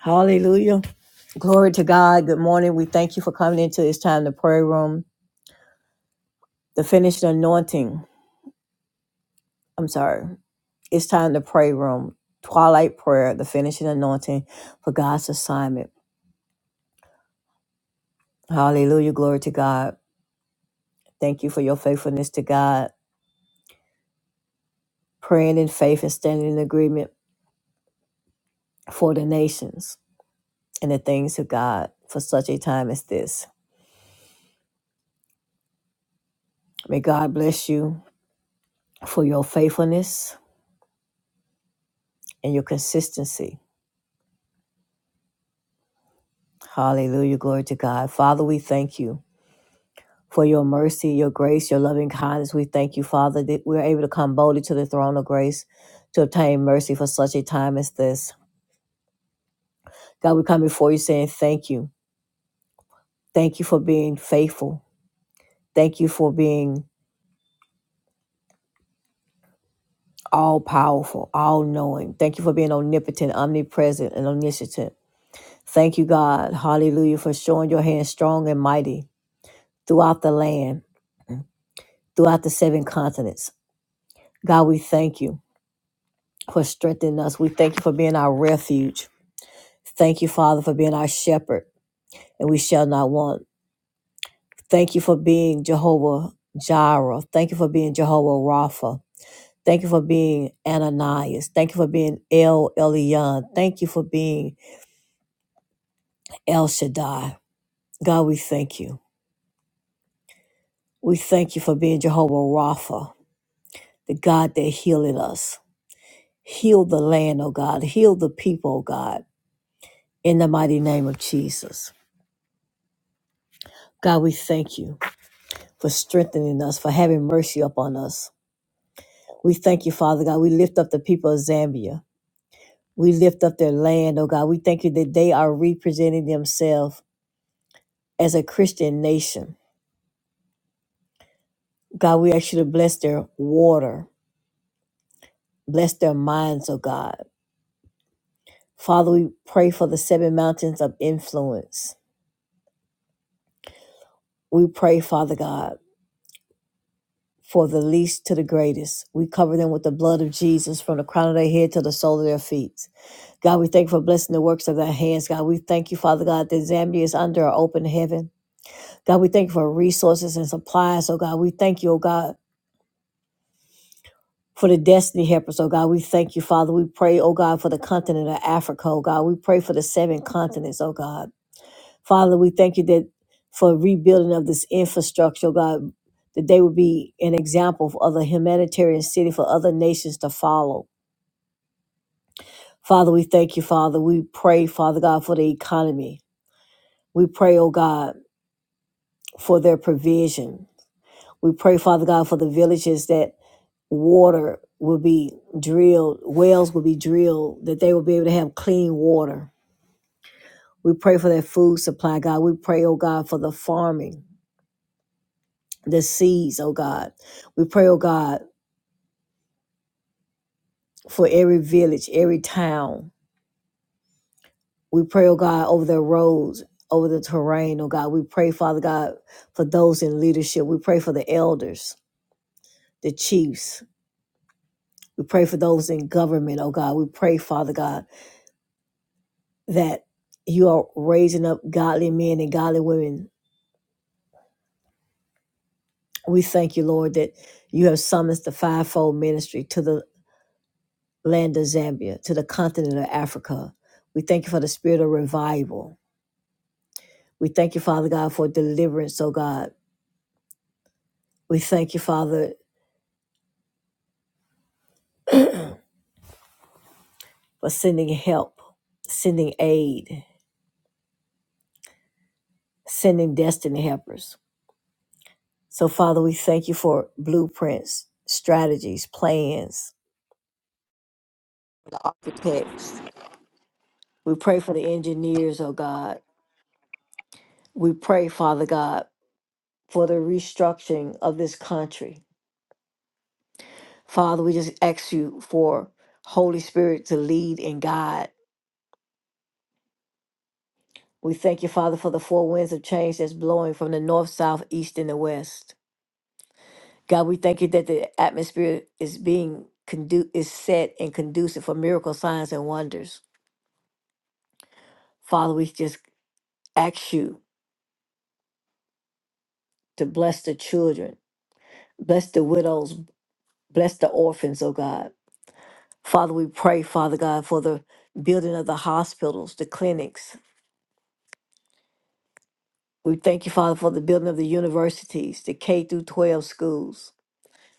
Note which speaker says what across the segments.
Speaker 1: Hallelujah. Glory to God. Good morning. We thank you for coming into this time to prayer room. The finished anointing. I'm sorry. It's time to pray room. Twilight prayer, the finishing anointing for God's assignment. Hallelujah. Glory to God. Thank you for your faithfulness to God. Praying in faith and standing in agreement for the nations and the things of God for such a time as this. May God bless you for your faithfulness and your consistency. Hallelujah. Glory to God. Father, we thank you for your mercy, your grace, your loving kindness. We thank you, Father, that we're able to come boldly to the throne of grace to obtain mercy for such a time as this. God, we come before you saying thank you. Thank you for being faithful. Thank you for being all powerful, all knowing. Thank you for being omnipotent, omnipresent, and omniscient. Thank you, God. Hallelujah, for showing your hand strong and mighty throughout the land, throughout the seven continents. God, we thank you. for strengthening us. We thank you for being our refuge. Thank you, Father, for being our shepherd, and we shall not want. Thank you for being Jehovah Jireh. Thank you for being Jehovah Rapha. Thank you for being Ananias. Thank you for being El Elyon. Thank you for being El Shaddai. God, we thank you. We thank you for being Jehovah Rapha, the God that healing us. Heal the land, oh God. Heal the people, oh God, in the mighty name of Jesus. God, we thank you. for strengthening us, for having mercy upon us. We thank you, Father God. We lift up the people of Zambia. We lift up their land, oh God. We thank you that they are representing themselves as a Christian nation. God, we ask you to bless their water, bless their minds, oh God. Father, we pray for the seven mountains of influence. We pray, Father God, for the least to the greatest. We cover them with the blood of Jesus from the crown of their head to the sole of their feet. God, we thank you for blessing the works of their hands. God, we thank you, Father God, that Zambia is under an open heaven. God, we thank you for resources and supplies. Oh God, we thank you, oh God, for the destiny helpers. Oh God, we thank you, Father. We pray, oh God, for the continent of Africa. Oh God, we pray for the seven continents. Oh God, Father, we thank you that for rebuilding of this infrastructure. Oh God, that they would be an example for other humanitarian city for other nations to follow. Father, we thank you, Father. We pray, Father God, for the economy. We pray, oh God. for their provision. We pray, Father God, for the villages that water will be drilled, wells will be drilled, that they will be able to have clean water. We pray for their food supply, God. We pray, oh God, for the farming, the seeds, oh God. We pray, oh God, for every village, every town. We pray, oh God, over their roads, over the terrain, oh God. We pray, Father God, for those in leadership. We pray for the elders, the chiefs. We pray for those in government, oh God. We pray, Father God, that you are raising up godly men and godly women. We thank you, Lord, that you have summoned the fivefold ministry to the land of Zambia, to the continent of Africa. We thank you for the spirit of revival. We thank you, Father God, for deliverance, oh God. We thank you, Father, for sending help, sending aid, sending destiny helpers. So, Father, we thank you for blueprints, strategies, plans, for the architects. We pray for the engineers, oh God We pray, Father God, for the restructuring of this country. Father, we just ask you for Holy Spirit to lead and guide. We thank you, Father, for the four winds of change that's blowing from the north, south, east, and the west. God, we thank you that the atmosphere is being condu- is set and conducive for miracle signs and wonders. Father, we just ask you to bless the children, bless the widows, bless the orphans, oh God. Father, we pray, Father God, for the building of the hospitals, the clinics. We thank you, Father, for the building of the universities, the K through 12 schools.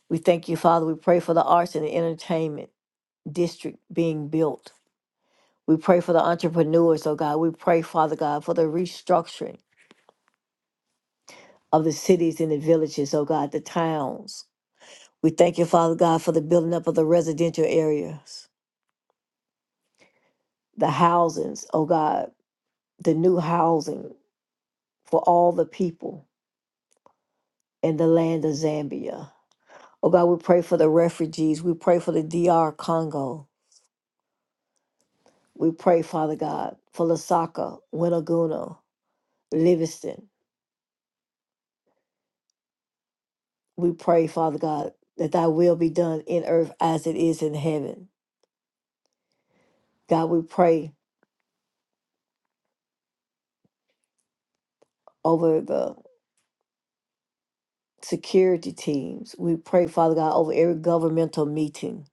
Speaker 1: We thank you, Father. We pray for the arts and the entertainment district being built. We pray for the entrepreneurs, oh God. We pray, Father God, for the restructuring of the cities and the villages, oh God, the towns. We thank you, Father God, for the building up of the residential areas, the housings, oh God, the new housing for all the people. in the land of Zambia. Oh God, we pray for the refugees. We pray for the D.R. Congo. We pray, Father God, for Lusaka, Winaguna, Livingston. We pray, Father God, that thy will be done in earth as it is in heaven. God, we pray over the security teams. We pray, Father God, over every governmental meeting.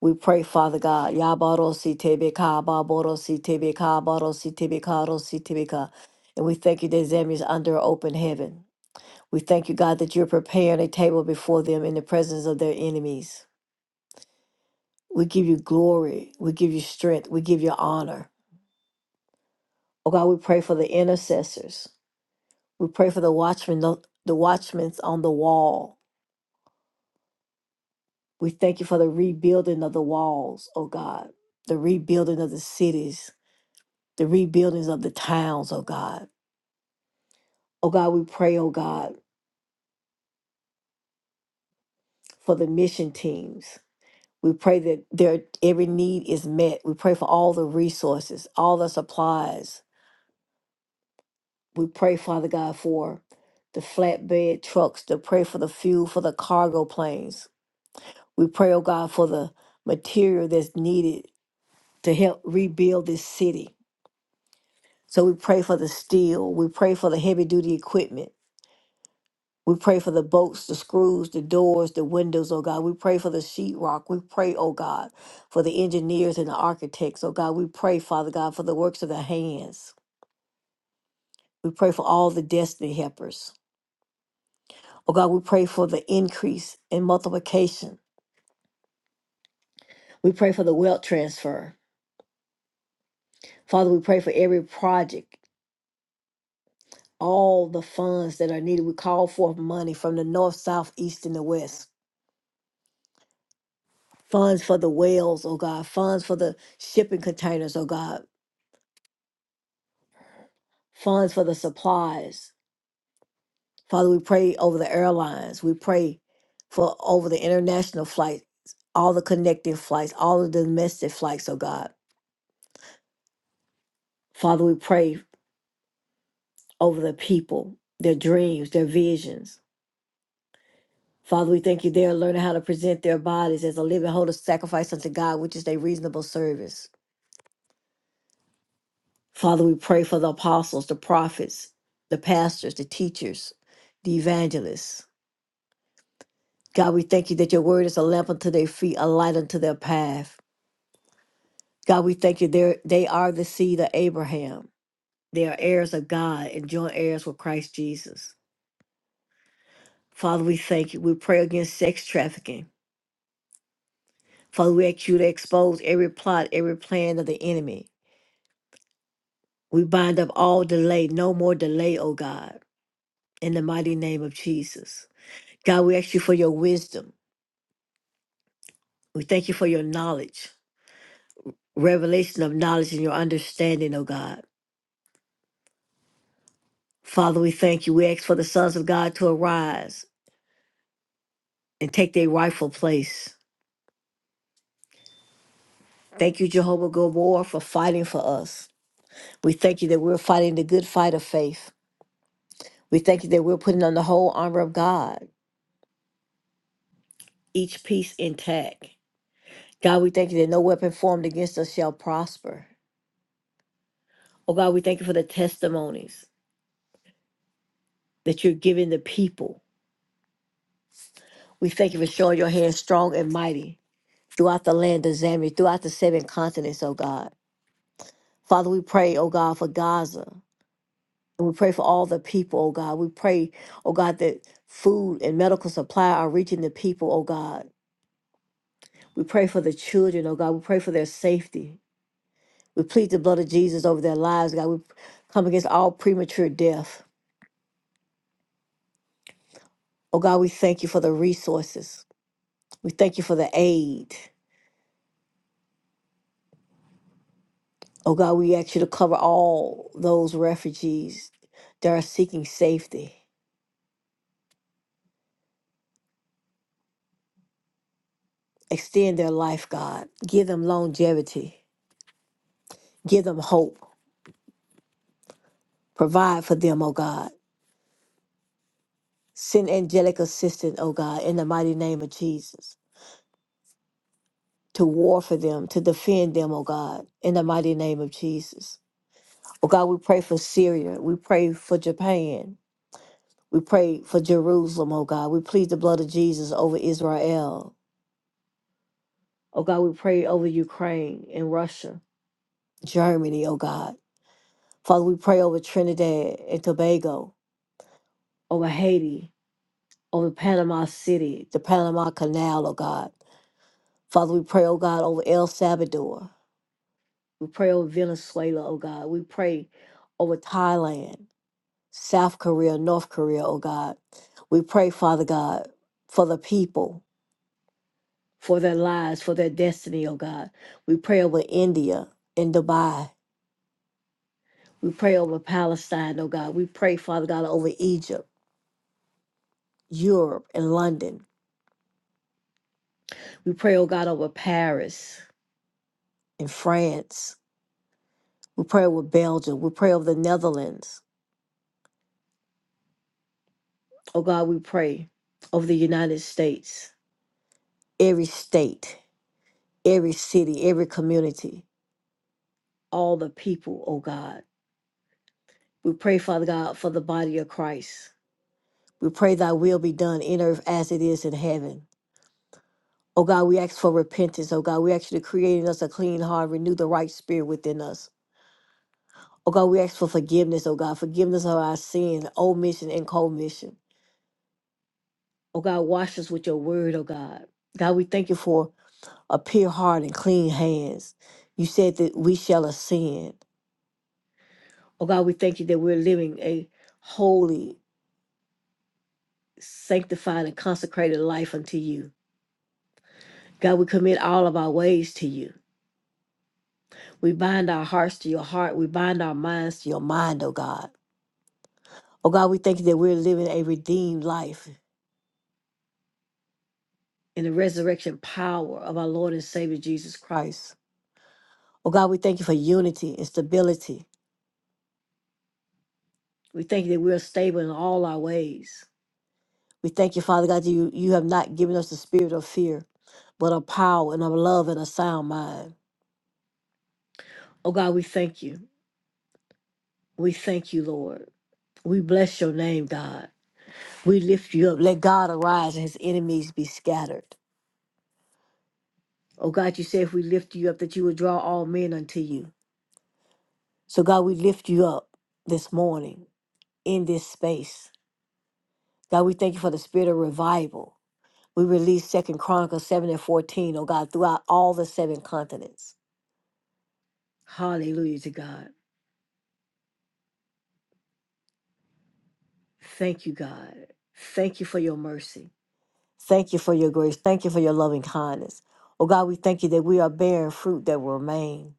Speaker 1: We pray, Father God, Yabarosi Tebeka, Babarosi Tebeka, Barosi Tebeka, Rosi Tebeka. And we thank you that Zambia is under open heaven. We thank you, God, that you're preparing a table before them in the presence of their enemies. We give you glory. We give you strength. We give you honor. Oh God, we pray for the intercessors. We pray for the watchmen, the watchmen on the wall. We thank you for the rebuilding of the walls, oh God, the rebuilding of the cities, the rebuildings of the towns, oh God. Oh God, we pray, oh God, for the mission teams. We pray that their every need is met. We pray for all the resources, all the supplies, we pray, Father God, for the flatbed trucks, to pray for the fuel for the cargo planes. We pray, oh God, for the material that's needed to help rebuild this city. So we pray for the steel. We pray for the heavy duty equipment. We pray for the bolts, the screws, the doors, the windows, oh God. We pray for the sheetrock. We pray, oh God, for the engineers and the architects, oh God. We pray, Father God, for the works of their hands. We pray for all the destiny helpers. Oh God, we pray for the increase and multiplication. We pray for the wealth transfer. Father, we pray for every project, all the funds that are needed. We call forth money from the north, south, east, and the west. Funds for the whales, oh God. Funds for the shipping containers, oh God. Funds for the supplies. Father, we pray over the airlines. We pray for over the international flights, all the connecting flights, all the domestic flights, oh God. Father, we pray. over the people, their dreams, their visions. Father, we thank you. They're learning how to present their bodies as a living, holy sacrifice unto God, which is a reasonable service. Father, we pray for the apostles, the prophets, the pastors, the teachers, the evangelists. God, we thank you that your word is a lamp unto their feet, a light unto their path. God, we thank you. They're, they are the seed of Abraham. They are heirs of God and joint heirs with Christ Jesus. Father, we thank you. We pray against sex trafficking. Father, we ask you to expose every plot, every plan of the enemy. We bind up all delay, no more delay, oh God, in the mighty name of Jesus. God, we ask you for your wisdom. We thank you for your knowledge, revelation of knowledge and your understanding, oh God. Father, we thank you. We ask for the sons of God to arise and take their rightful place. Thank you, Jehovah Gomorrah, for fighting for us. We thank you that we're fighting the good fight of faith. We thank you that we're putting on the whole armor of God, each piece intact. God, we thank you that no weapon formed against us shall prosper. Oh God, we thank you for the testimonies that you're giving the people. We thank you for showing your hand strong and mighty throughout the land of Zambia, throughout the seven continents, oh God. Father, we pray, oh God, for Gaza. And we pray for all the people, oh God. We pray, oh God, that food and medical supply are reaching the people, oh God. We pray for the children, oh God. We pray for their safety. We plead the blood of Jesus over their lives, God. We come against all premature death. Oh God, we thank you for the resources. We thank you for the aid. Oh God, we ask you to cover all those refugees that are seeking safety. Extend their life, God. Give them longevity. Give them hope. Provide for them, oh God. Send angelic assistance, oh God, in the mighty name of Jesus. To war for them, to defend them, oh God, in the mighty name of Jesus. Oh God, we pray for Syria. We pray for Japan. We pray for Jerusalem, oh God. We plead the blood of Jesus over Israel. Oh God, we pray over Ukraine and Russia, Germany, oh God. Father, we pray over Trinidad and Tobago, over Haiti, over Panama City, the Panama Canal, oh God. Father, we pray, oh God, over El Salvador. We pray over Venezuela, oh God. We pray over Thailand, South Korea, North Korea, oh God. We pray, Father God, for the people for their lives, for their destiny, oh God. We pray over India and Dubai. We pray over Palestine, oh God. We pray, Father God, over Egypt, Europe, and London. We pray, oh God, over Paris and France. We pray over Belgium. We pray over the Netherlands. Oh God, we pray over the United States, every state, every city, every community, all the people, oh God. We pray, Father God, for the body of Christ. We pray thy will be done in earth as it is in heaven. Oh God, we ask for repentance. Oh God, we ask you to create in us a clean heart, renew the right spirit within us. Oh God, we ask for forgiveness. Oh God, forgiveness of our sin, omission and commission. Oh God, wash us with your word. Oh God, God, we thank you for a pure heart and clean hands. You said that we shall ascend. Oh God, we thank you that we're living a holy, sanctified, and consecrated life unto you. God, we commit all of our ways to you. We bind our hearts to your heart. We bind our minds to your mind, oh God. Oh God, we thank you that we're living a redeemed life in the resurrection power of our Lord and Savior Jesus Christ. Oh God, we thank you for unity and stability. We thank you that we are stable in all our ways. We thank you, Father God, that you, you have not given us the spirit of fear, but of power and of love and a sound mind. Oh God, we thank you. We thank you, Lord. We bless your name, God. We lift you up. Let God arise and his enemies be scattered. Oh God, you say if we lift you up, that you would draw all men unto you. So God, we lift you up this morning in this space. God, we thank you for the spirit of revival. We release Second Chronicles 7 and 14, oh God, throughout all the seven continents. Hallelujah to God. Thank you, God. Thank you for your mercy. Thank you for your grace. Thank you for your loving kindness. Oh God, we thank you that we are bearing fruit that will remain.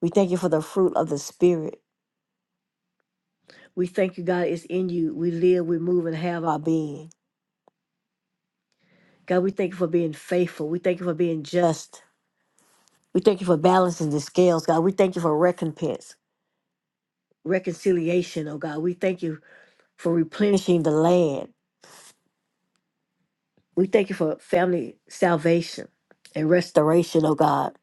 Speaker 1: We thank you for the fruit of the Spirit. We thank you, God, it's in you. We live, we move, and have our being. God, we thank you for being faithful. We thank you for being just. We thank you for balancing the scales, God. We thank you for recompense, reconciliation, oh God. We thank you for replenishing the land. We thank you for family salvation and restoration, oh God.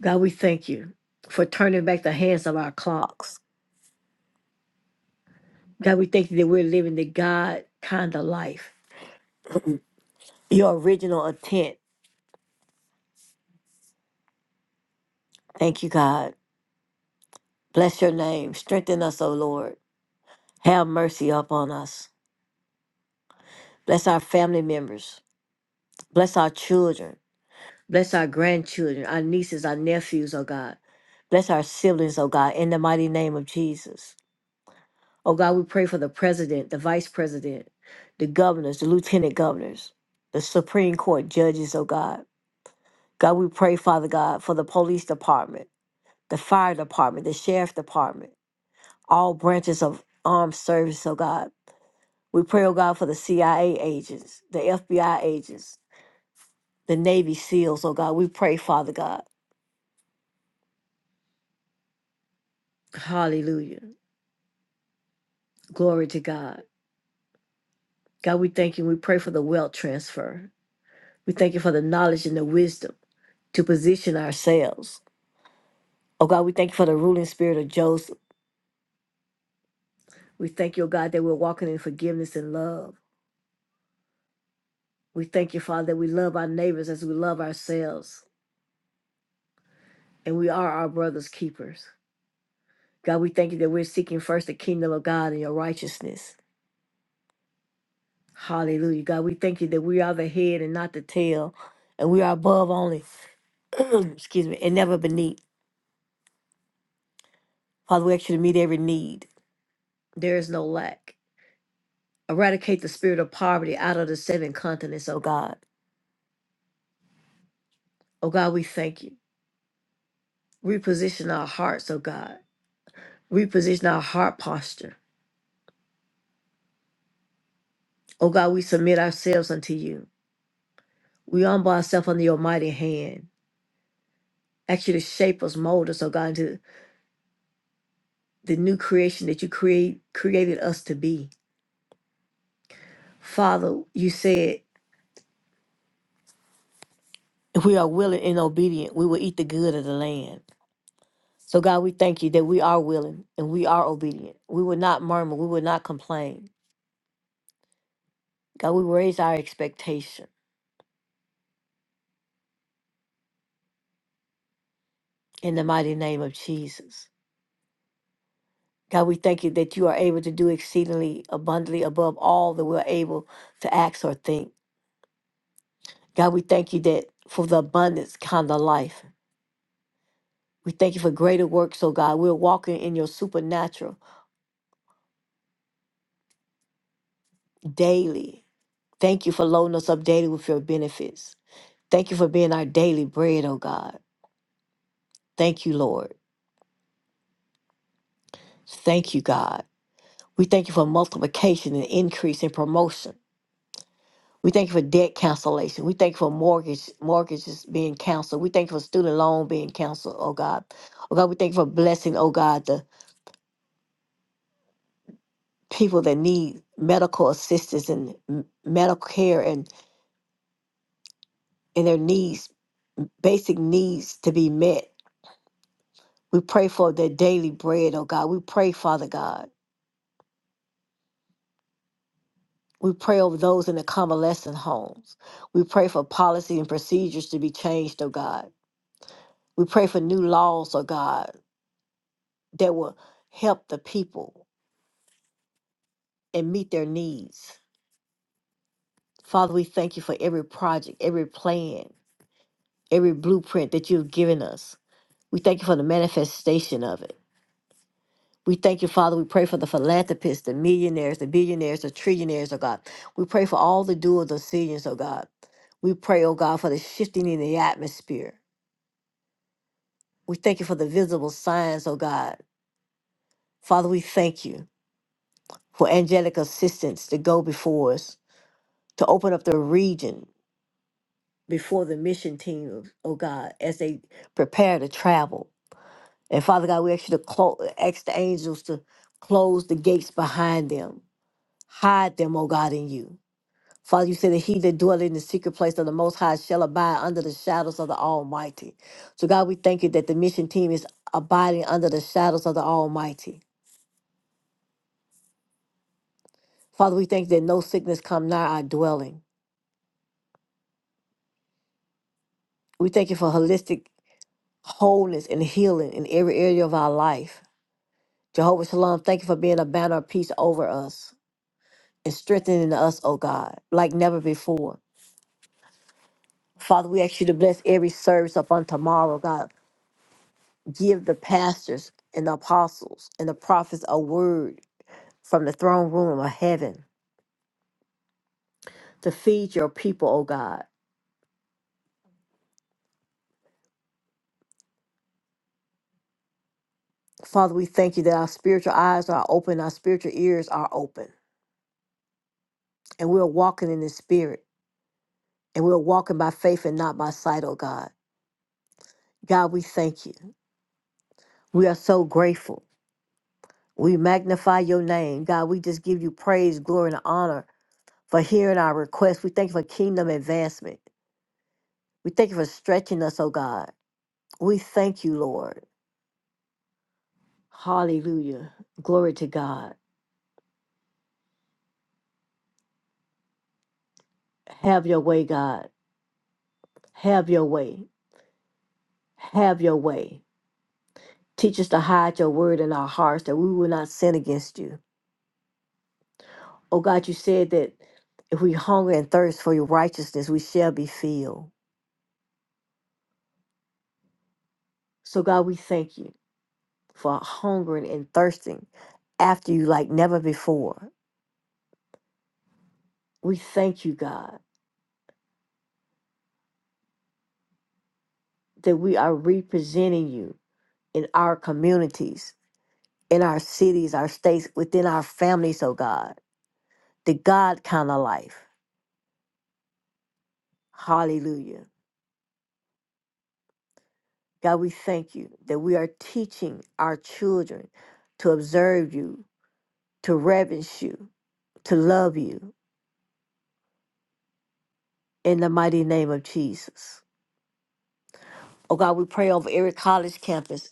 Speaker 1: God, we thank you for turning back the hands of our clocks. God, we thank you that we're living the God kind of life, your original intent. Thank you, God. Bless your name. Strengthen us, O Lord. Have mercy upon us. Bless our family members. Bless our children. Bless our grandchildren, our nieces, our nephews, O God. Bless our siblings, O God, in the mighty name of Jesus. O God, we pray for the president, the vice president, the governors, the lieutenant governors, the Supreme Court judges, O God. God, we pray, Father God, for the police department, the fire department, the sheriff department, all branches of armed service, O God. We pray, oh God, for the CIA agents, the FBI agents, the Navy SEALs, oh God. We pray, Father God. Hallelujah. Glory to God. God, we thank you. We pray for the wealth transfer. We thank you for the knowledge and the wisdom to position ourselves. Oh God, we thank you for the ruling spirit of Joseph. We thank you, oh God, that we're walking in forgiveness and love. We thank you, Father, that we love our neighbors as we love ourselves, and we are our brother's keepers. God, we thank you that we're seeking first the kingdom of God and your righteousness. Hallelujah. God, we thank you that we are the head and not the tail, and we are above only, excuse me, and never beneath. Father, we ask you to meet every need. There is no lack. Eradicate the spirit of poverty out of the seven continents, oh God. Oh God, we thank you. Reposition our hearts, oh God. Reposition our heart posture. Oh God, we submit ourselves unto you. We humble ourselves under your mighty hand. Ask you to shape us, mold us, oh God, into the new creation that you create created us to be. Father, you said if we are willing and obedient, we will eat the good of the land. So, God, we thank you that we are willing and we are obedient. We will not murmur, we will not complain. God, we raise our expectation in the mighty name of Jesus. God, we thank you that you are able to do exceedingly abundantly above all that we're able to ask or think. God, we thank you that for the abundance kind of life. We thank you for greater works, oh God. We're walking in your supernatural daily. Thank you for loading us up daily with your benefits. Thank you for being our daily bread, oh God. Thank you, Lord. Thank you, God. We thank you for multiplication and increase and promotion. We thank you for debt cancellation. We thank you for mortgage mortgages being canceled. We thank you for student loan being canceled, oh God. Oh God, we thank you for blessing, oh God, the people that need medical assistance and m- medical care and, and their needs, basic needs to be met. We pray for their daily bread, oh God. We pray, Father God. We pray over those in the convalescent homes. We pray for policy and procedures to be changed, oh God. We pray for new laws, oh God, that will help the people and meet their needs. Father, we thank you for every project, every plan, every blueprint that you've given us. We thank you for the manifestation of it. We thank you, Father. We pray for the philanthropists, the millionaires, the billionaires, the trillionaires, oh God. We pray for all the dual decisions, oh God. We pray, oh God, for the shifting in the atmosphere. We thank you for the visible signs, oh God. Father, we thank you for angelic assistance to go before us, to open up the region before the mission team, oh God, as they prepare to travel. And Father God, we ask you to close, ask the angels to close the gates behind them, hide them, oh God, in you. Father, you said that he that dwelleth in the secret place of the Most High shall abide under the shadows of the Almighty. So, God, we thank you that the mission team is abiding under the shadows of the Almighty. Father, we thank that no sickness come nigh our dwelling. We thank you for holistic wholeness and healing in every area of our life. Jehovah Shalom, thank you for being a banner of peace over us and strengthening us, oh God, like never before. Father, we ask you to bless every service upon tomorrow, God. Give the pastors and the apostles and the prophets a word from the throne room of heaven to feed your people, oh God. Father, we thank you that our spiritual eyes are open, our spiritual ears are open. and we're walking in the spirit and we're walking by faith and not by sight, oh God. God, we thank you. We are so grateful. We magnify your name. God, we just give you praise, glory, and honor for hearing our requests. We thank you for kingdom advancement. We thank you for stretching us, oh God. We thank you, Lord. Hallelujah. Glory to God. Have your way, God. Have your way. Have your way. Teach us to hide your word in our hearts that we will not sin against you. Oh God, you said that if we hunger and thirst for your righteousness, we shall be filled. So, God, we thank you for hungering and thirsting after you like never before. We thank you, God, that we are representing you in our communities, in our cities, our states, within our families, oh God, the God kind of life. Hallelujah. God, we thank you that we are teaching our children to observe you, to reverence you, to love you, in the mighty name of Jesus. Oh God, we pray over every college campus.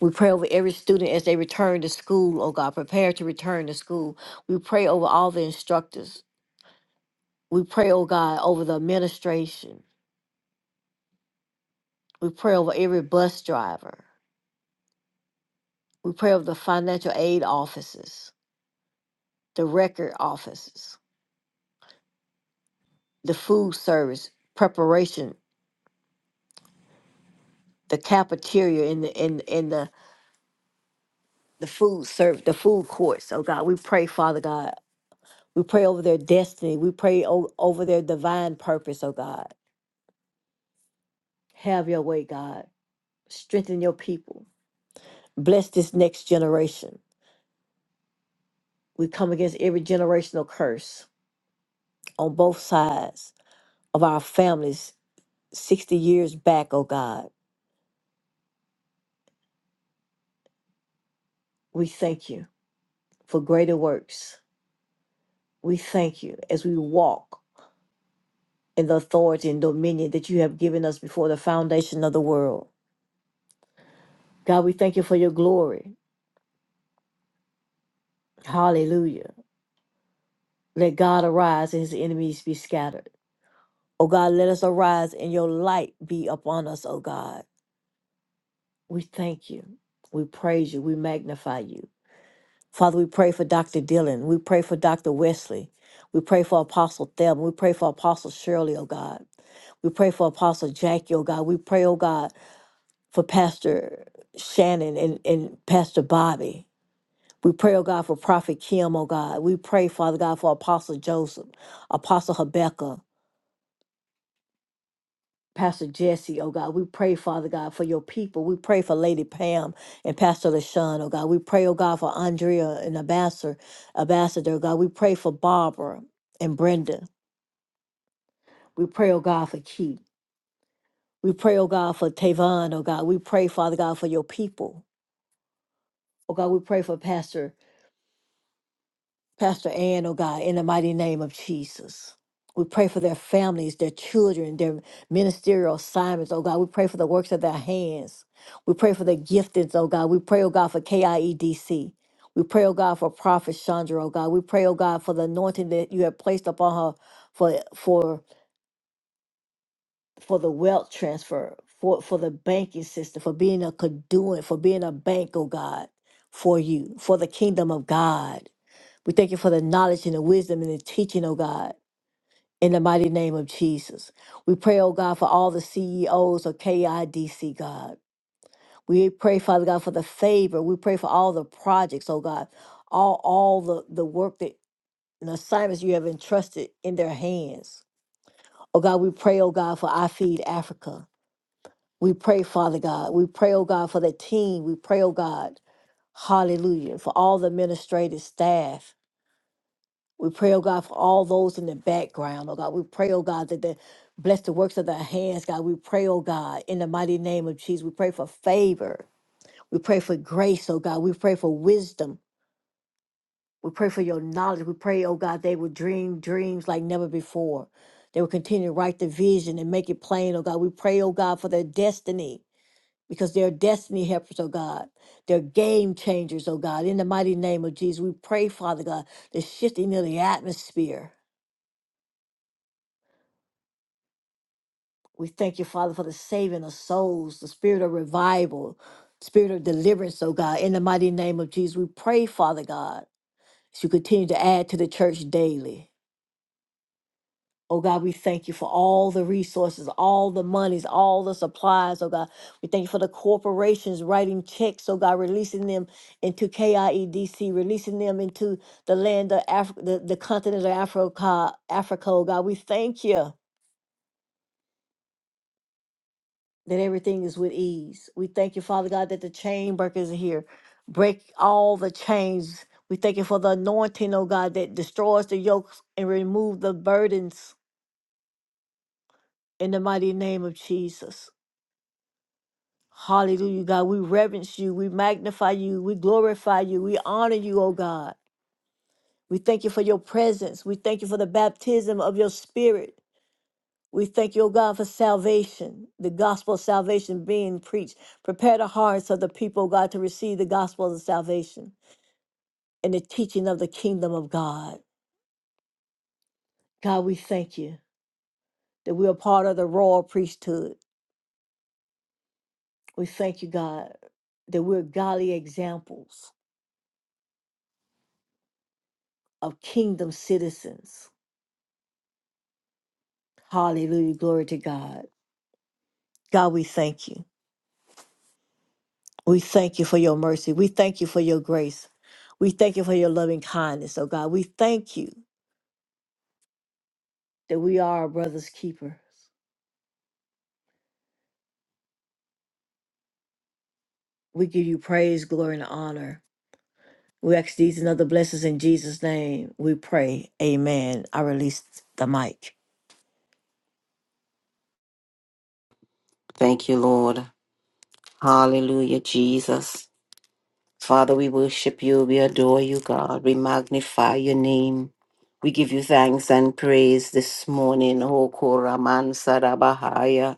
Speaker 1: We pray over every student as they return to school, oh God, prepare to return to school. We pray over all the instructors. We pray, oh God, over the administration. We pray over every bus driver. We pray over the financial aid offices, the record offices, the food service preparation, the cafeteria in the in in the the food serve the food courts. Oh God, we pray, Father God, We pray over their destiny. We pray o- over their divine purpose, oh God. Have your way, God. Strengthen your people. Bless this next generation. We come against every generational curse on both sides of our families 60 years back, oh God. We thank you for greater works. We thank you as we walk in the authority and dominion that you have given us before the foundation of the world. God, we thank you for your glory. Hallelujah. Let God arise and his enemies be scattered. O God, let us arise and your light be upon us, O God. We thank you. We praise you. We magnify you. Father, we pray for Dr. Dillon. We pray for Dr. Wesley. We pray for Apostle Thelma. We pray for Apostle Shirley, oh God. We pray for Apostle Jackie, oh God. We pray, oh God, for Pastor Shannon and, and Pastor Bobby. We pray, oh God, for Prophet Kim, oh God. We pray, Father God, for Apostle Joseph, Apostle Habakkuk. Pastor Jesse, oh God, we pray, Father God, for your people. We pray for Lady Pam and Pastor LaShawn, oh God. We pray, oh God, for Andrea and Ambassador, Ambassador, oh God. We pray for Barbara and Brenda. We pray, oh God, for Keith. We pray, oh God, for Tavon, oh God. We pray, Father God, for your people. Oh God, we pray for Pastor Pastor Ann, oh God, in the mighty name of Jesus. We pray for their families, their children, their ministerial assignments, oh God. We pray for the works of their hands. We pray for the giftings, oh God. We pray, oh God, for KIEDC. We pray, oh God, for Prophet Chandra, oh God. We pray, oh God, for the anointing that you have placed upon her for for for the wealth transfer, for for the banking system, for being a conduit, for being a bank, oh God, for you, for the kingdom of God. We thank you for the knowledge and the wisdom and the teaching, oh God, in the mighty name of Jesus. We pray, oh God, for all the CEOs of KIDC, God. We pray, Father God, for the favor. We pray for all the projects, oh God, all, all the, the work that and assignments you have entrusted in their hands. Oh God, we pray, oh God, for I Feed Africa. We pray, Father God. We pray, oh God, for the team. We pray, oh God, hallelujah, for all the administrative staff. We pray, oh God, for all those in the background, oh God. We pray, oh God, that the bless the works of their hands, God. We pray, oh God, in the mighty name of Jesus. We pray for favor. We pray for grace, oh God. We pray for wisdom. We pray for your knowledge. We pray, oh God, they will dream dreams like never before. They will continue to write the vision and make it plain, oh God. We pray, oh God, for their destiny because they're destiny helpers, oh God. They're game changers, oh God. In the mighty name of Jesus, we pray, Father God, the shifting of the atmosphere. We thank you, Father, for the saving of souls, the spirit of revival, spirit of deliverance, oh God. In the mighty name of Jesus, we pray, Father God, as you continue to add to the church daily. Oh God, we thank you for all the resources, all the monies, all the supplies, oh God. We thank you for the corporations writing checks, oh God, releasing them into KIEDC, releasing them into the land of Africa, the, the continent of Africa, Africa, oh God. We thank you. that everything is with ease. We thank you, Father God, that the chain breakers are here. Break all the chains. We thank you for the anointing, oh God, that destroys the yokes and remove the burdens in the mighty name of Jesus. Hallelujah, God. We reverence you. We magnify you. We glorify you. We honor you, oh God. We thank you for your presence. We thank you for the baptism of your spirit. We thank you, O God, for salvation, the gospel of salvation being preached. Prepare the hearts of the people, O God, to receive the gospel of salvation and the teaching of the kingdom of God. God, we thank you that we are part of the royal priesthood. We thank you, God, that we're godly examples of kingdom citizens. Hallelujah. Glory to God. God, we thank you. We thank you for your mercy. We thank you for your grace. We thank you for your loving kindness, oh God. We thank you. that we are our brother's keepers. We give you praise, glory, and honor. We ask these and other blessings in Jesus' name. We pray. Amen. I release the mic.
Speaker 2: Thank you, Lord. Hallelujah, Jesus. Father, we worship you. We adore you, God. We magnify your name. We give you thanks and praise this morning, O Koraman Sarabahaya.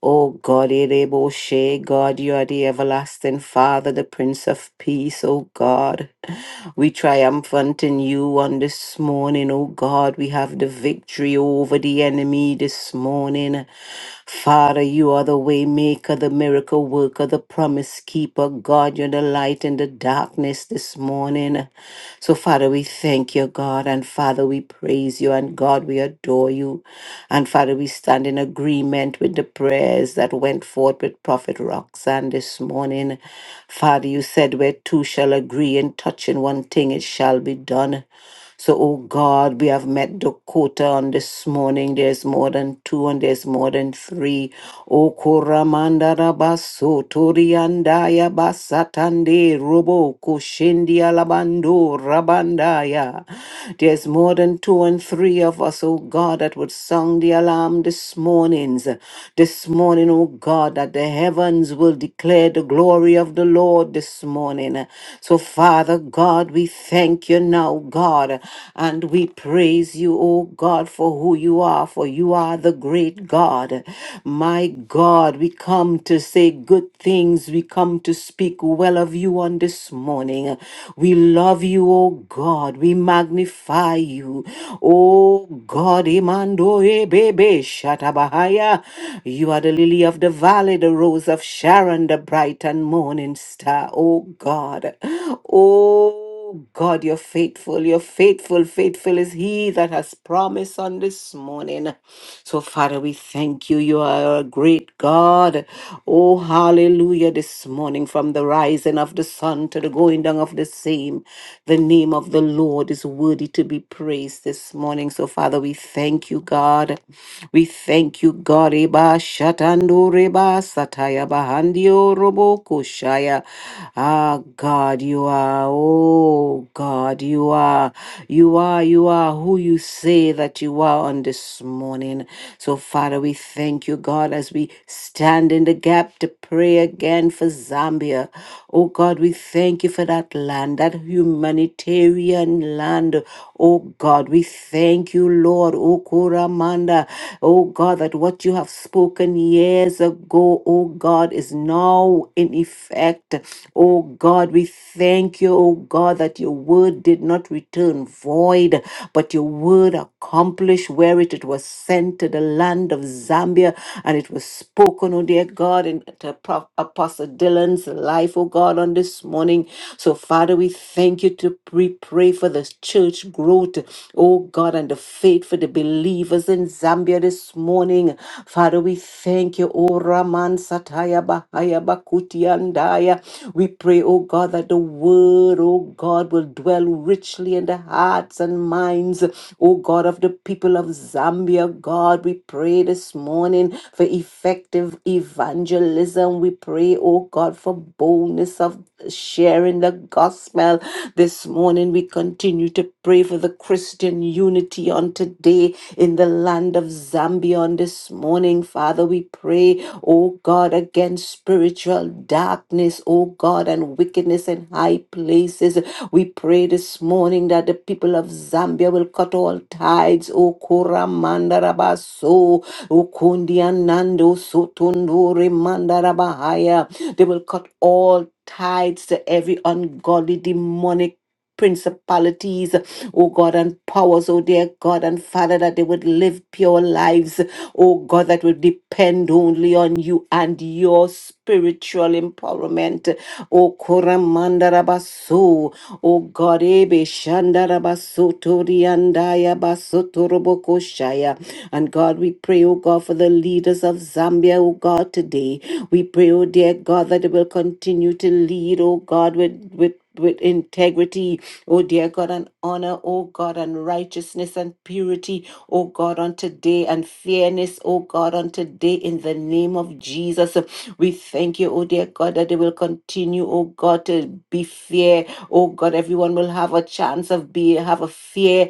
Speaker 2: O God, Ereboshe, God, you are the everlasting Father, the Prince of Peace, O God. We triumphant in you on this morning, O God. We have the victory over the enemy this morning. Father, you are the way maker, the miracle worker, the promise keeper. God, you're the light in the darkness this morning. So, Father, we thank you, God, and Father, we praise you, and God, we adore you. And Father, we stand in agreement with the prayers that went forth with Prophet Roxanne this morning. Father, you said where two shall agree and touch in one thing, it shall be done. So, oh God, we have met Dakota on this morning. There's more than two and there's more than three. O Koramanda Rabaso, Toriandaya Basatande, Robo, Koshindia Labando, Rabandaya. There's more than two and three of us, oh God, that would sound the alarm this mornings, this this morning, oh God, that the heavens will declare the glory of the Lord this morning. So, Father God, we thank you now, God, and we praise you, oh God, for who you are, for you are the great God. My God, we come to say good things, we come to speak well of you on this morning. We love you, O God. We magnify you. O God, Imando Ebebe Shatabahaya. You are the lily of the valley, the rose of Sharon, the bright and morning star. O God. O Oh God, you're faithful. You're faithful. Faithful is He that has promised on this morning. So, Father, we thank you. You are a great God. Oh, hallelujah. This morning, from the rising of the sun to the going down of the same, the name of the Lord is worthy to be praised this morning. So, Father, we thank you, God. We thank you, God. Eba shatando reba sataya bahandio robo koshaya. Ah, God, you are. Oh, Oh God, you are, you are, you are who you say that you are on this morning. So, Father, we thank you, God, as we stand in the gap to pray again for Zambia. Oh God, we thank you for that land, that humanitarian land. Oh God, we thank you, Lord. Oh Koramanda. Oh God, that what you have spoken years ago go, oh God, is now in effect. Oh God, we thank you, oh God, that your word did not return void, but your word accomplished where it, it was sent to the land of Zambia and it was spoken, oh dear God, in to Pro- Apostle Dylan's life, oh God, on this morning. So, Father, we thank you to pre pray for this church growth, oh God, and the faith for the believers in Zambia this morning. Father, we thank you, O Raman Sataya Bahaya Bakuti Andaya. We pray, O God, that the word, O God, will dwell richly in the hearts and minds, O God, of the people of Zambia. God, we pray this morning for effective evangelism. We pray, O God, for boldness service of sharing the gospel. This morning, we continue to pray for the Christian unity on today in the land of Zambia. On this morning, Father, we pray, oh God, against spiritual darkness, oh God, and wickedness in high places. We pray this morning that the people of Zambia will cut all tides, oh Koramandarabaso, Ukundia nando sutunduri mandarabahaya. They will cut all ties to every ungodly demonic principalities, oh God, and powers, oh dear God and Father, that they would live pure lives, oh God, that would depend only on you and your spiritual empowerment. Oh Kuramandarabasu, oh God, Ebe Shandarabasu Toriandaya Basu and God, we pray, oh God, for the leaders of Zambia, oh God, today. We pray, oh dear God, that they will continue to lead, oh God, with, with with integrity, oh dear God, and honor, oh God, and righteousness and purity, oh God, on today, and fairness, oh God, on today, in the name of Jesus. We thank you, oh dear God, that they will continue, oh God, to be fair, oh God, everyone will have a chance of be have a fair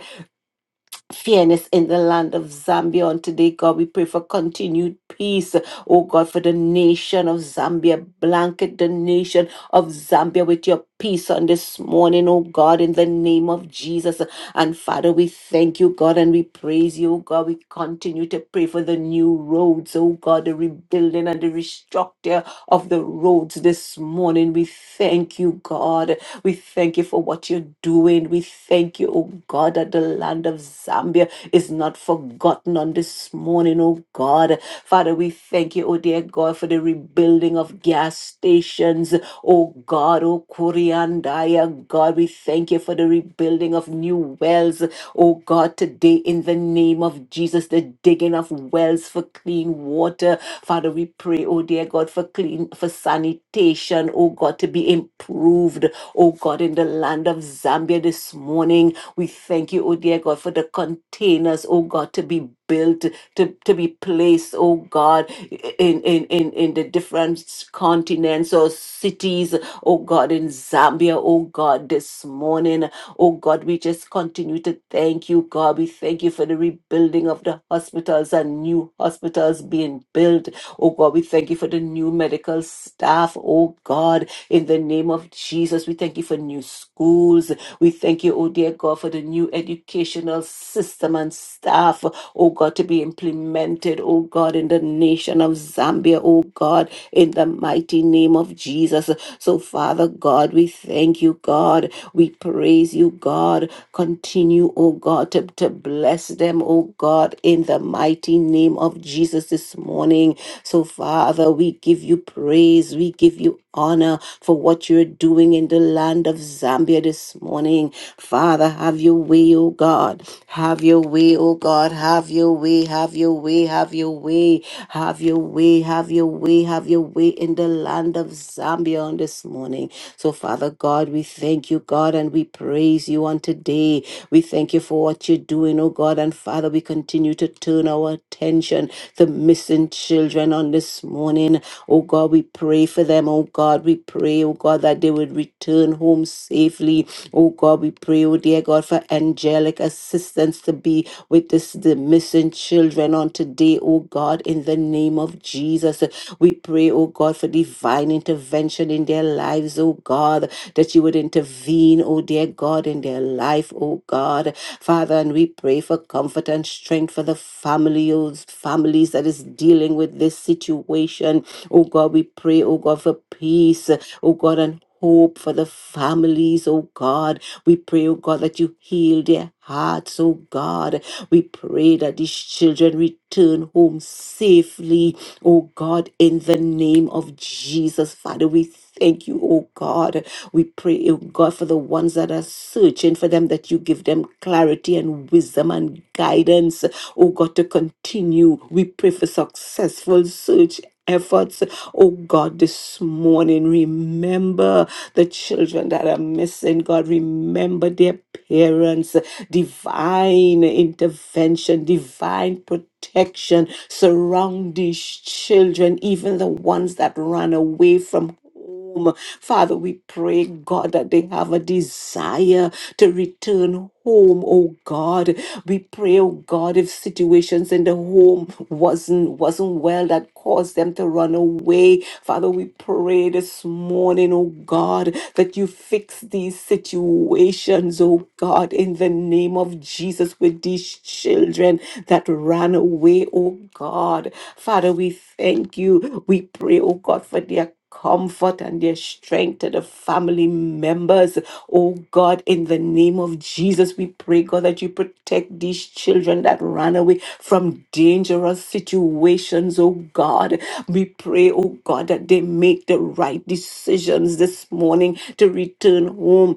Speaker 2: fairness in the land of Zambia. On today, God, we pray for continued peace. Oh God, for the nation of Zambia, blanket the nation of Zambia with your peace on this morning, oh God, in the name of Jesus. And Father, we thank you, God, and we praise you, oh God. We continue to pray for the new roads, oh God, the rebuilding and the restructure of the roads this morning. We thank you, God. We thank you for what you're doing. We thank you, oh God, that the land of Zambia is not forgotten on this morning, oh God. Father, we thank you, oh dear God, for the rebuilding of gas stations, oh God, oh Kuriandaya, God. We thank you for the rebuilding of new wells, oh God, today in the name of Jesus, the digging of wells for clean water. Father, we pray, oh dear God, for clean, for sanitation, oh God, to be improved oh God, in the land of Zambia this morning. We thank you, oh dear God, for the containers, oh God, to be built, to, to be placed, oh God, in, in, in, in the different continents or cities, oh God, in Zambia, oh God, this morning. Oh God, we just continue to thank you, God. We thank you for the rebuilding of the hospitals and new hospitals being built. Oh God, we thank you for the new medical staff, oh God, in the name of Jesus, we thank you for new schools. We thank you, oh dear God, for the new educational system and staff, oh God, to be implemented, oh God, in the nation of Zambia, oh God, in the mighty name of Jesus. So, Father God, we thank you, God. We praise you, God. Continue, oh God, to, to bless them, oh God, in the mighty name of Jesus this morning. So, Father, we give you praise. We give you honor for for what you're doing in the land of Zambia this morning. Father, have your way, oh God. Have your way, oh God. Have your way, have your way, have your way, have your way, have your way, have your way in the land of Zambia on this morning. So, Father God, we thank you, God, and we praise you on today. We thank you for what you're doing, oh God. And Father, we continue to turn our attention to missing children on this morning. Oh God, we pray for them. Oh God, we pray, oh God, that they would return home safely. Oh God, we pray, oh dear God, for angelic assistance to be with this, the missing children on today, oh God, in the name of Jesus. We pray, oh God, for divine intervention in their lives, oh God, that you would intervene, oh dear God, in their life, oh God. Father, and we pray for comfort and strength for the the families, families that is dealing with this situation. Oh God, we pray, oh God, for peace, oh God, and hope for the families, oh God. We pray, oh God, that you heal their hearts, oh God. We pray that these children return home safely, oh God, in the name of Jesus. Father, we thank you, oh God. We pray, oh God, for the ones that are searching for them that you give them clarity and wisdom and guidance. Oh God, to continue. We pray for successful search efforts. Oh God, this morning, remember the children that are missing. God, remember their parents. Divine intervention, divine protection. Surround these children, even the ones that ran away from home. Father, we pray, God, that they have a desire to return home, oh God. We pray, oh God, if situations in the home wasn't wasn't well that caused them to run away. Father, we pray this morning, oh God, that you fix these situations, oh God, in the name of Jesus with these children that ran away, oh God. Father, we thank you. We pray, oh God, for their comfort and their strength to the family members. Oh God, in the name of Jesus, we pray, God, that you protect these children that ran away from dangerous situations, oh God. We pray, oh God, that they make the right decisions this morning to return home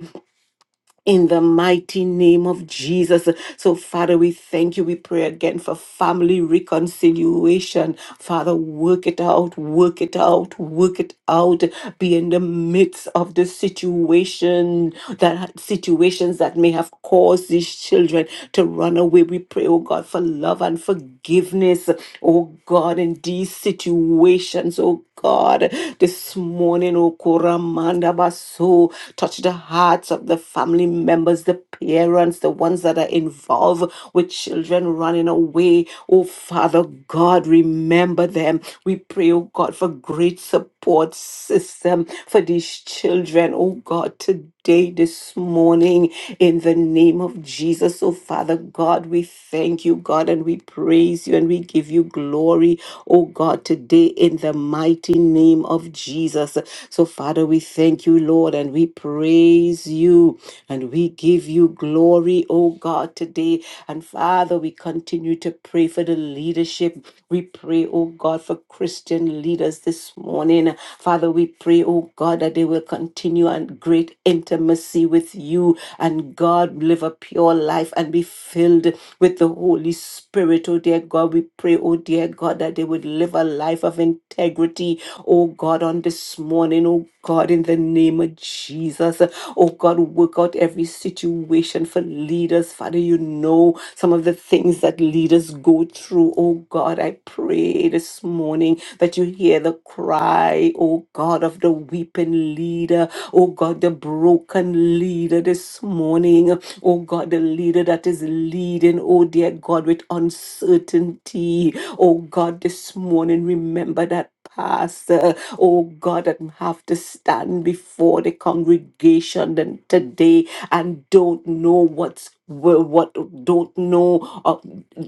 Speaker 2: in the mighty name of Jesus. So, Father, we thank you. We pray again for family reconciliation. Father, work it out, work it out, work it out. Be in the midst of the situation that situations that may have caused these children to run away. We pray, oh God, for love and forgiveness. Oh God, in these situations, oh God, this morning, oh Koramandasaya. Ramanda Basu. Touch the hearts of the family members, the parents, the ones that are involved with children running away. Oh, Father God, remember them. We pray, oh God, for great support system for these children, oh God, today day this morning in the name of Jesus. Oh, Father God, we thank you, God, and we praise you and we give you glory, oh God, today in the mighty name of Jesus. So, Father, we thank you, Lord, and we praise you and we give you glory, oh God, today. And Father, we continue to pray for the leadership. We pray, oh God, for Christian leaders this morning. Father, we pray, oh God, that they will continue continue and great intimacy with you and God live a pure life and be filled with the Holy Spirit. Oh dear God, we pray, oh dear God, that they would live a life of integrity. Oh God, on this morning, oh God, in the name of Jesus. Oh God, work out every situation for leaders. Father, you know some of the things that leaders go through. Oh God, I pray this morning that you hear the cry, oh God, of of the weeping leader, oh God, the broken leader this morning, oh God, the leader that is leading, oh dear God, with uncertainty, oh God, this morning, remember that pastor, oh God, that have to stand before the congregation then today and don't know what's wh- what don't know uh,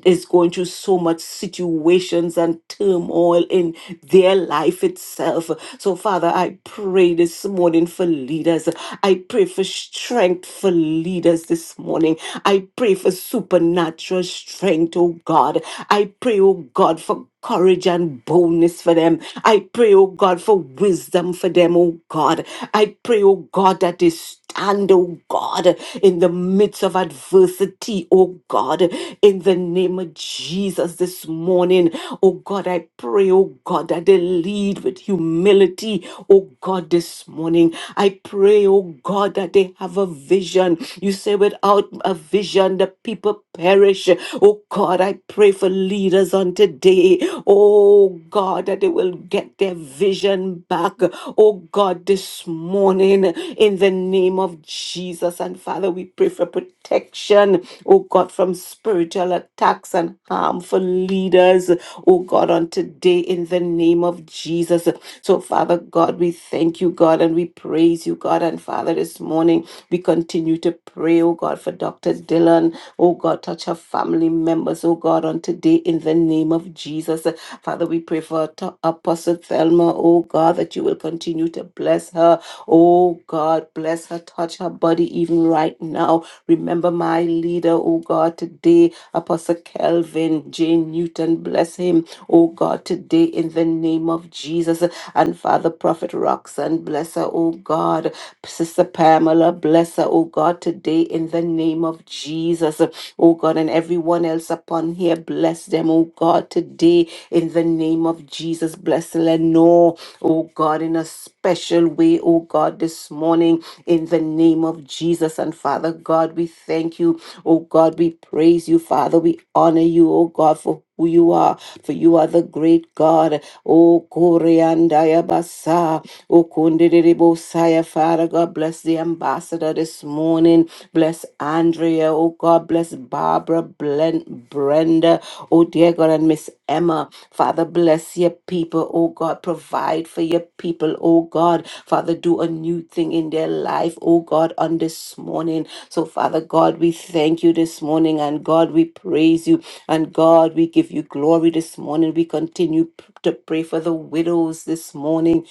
Speaker 2: is going through so much situations and turmoil in their life itself. So, Father, I pray this morning for leaders. I pray for strength for leaders this morning. I pray for supernatural strength, oh God. I pray, oh God, for courage and boldness for them. I pray, oh God, for wisdom for them, oh God. I pray, oh God, that they stand, oh God, in the midst of adversity, oh God, in the name of Jesus this morning. Oh God, I pray, oh God, that they lead with humility, oh God, this morning. I pray, oh God, that they have a vision. You say, without a vision, the people perish. Oh God, I pray for leaders on today. Oh God, that they will get their vision back. Oh God, this morning in the name of Jesus. And Father, we pray for protection. Oh God, from spiritual attacks and harmful leaders. Oh God, on today in the name of Jesus. So Father God, we thank you, God, and we praise you, God. And Father, this morning we continue to pray, oh God, for Dr. Dylan. Oh God, touch her family members, oh God, on today in the name of Jesus. Father, we pray for Th- Apostle Thelma, oh God, that you will continue to bless her. Oh God, bless her, touch her body even right now. Remember my leader, oh God, today, Apostle Kelvin J. Newton, bless him, oh God, today in the name of Jesus. And Father Prophet Roxanne, bless her, oh God. Sister Pamela, bless her, oh God, today in the name of Jesus. Oh God, and everyone else upon here, bless them, oh God, today in the name of Jesus. Bless Lenore, oh God, in a special way, oh God, this morning in the name of Jesus. And Father God. We thank you, oh God. We praise you, Father. We honor you, oh God, for who you are, for you are the great God. Oh, Koreandaya Basa, oh, Kundiriribosaya, Father God, bless the ambassador this morning. Bless Andrea, oh God, bless Barbara, Blen, Brenda, oh dear God, and Miss Emma. Father, bless your people, oh God, provide for your people, oh God. Father, do a new thing in their life, oh God, on this morning. So, Father God, we thank you this morning, and God, we praise you, and God, we give you glory this morning. We continue p- to pray for the widows this morning.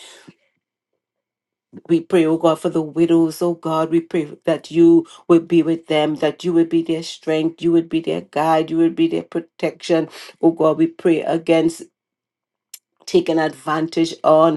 Speaker 2: We pray, oh God, for the widows, oh God, we pray that you would be with them, that you would be their strength, you would be their guide, you would be their protection. Oh God, we pray against taken advantage on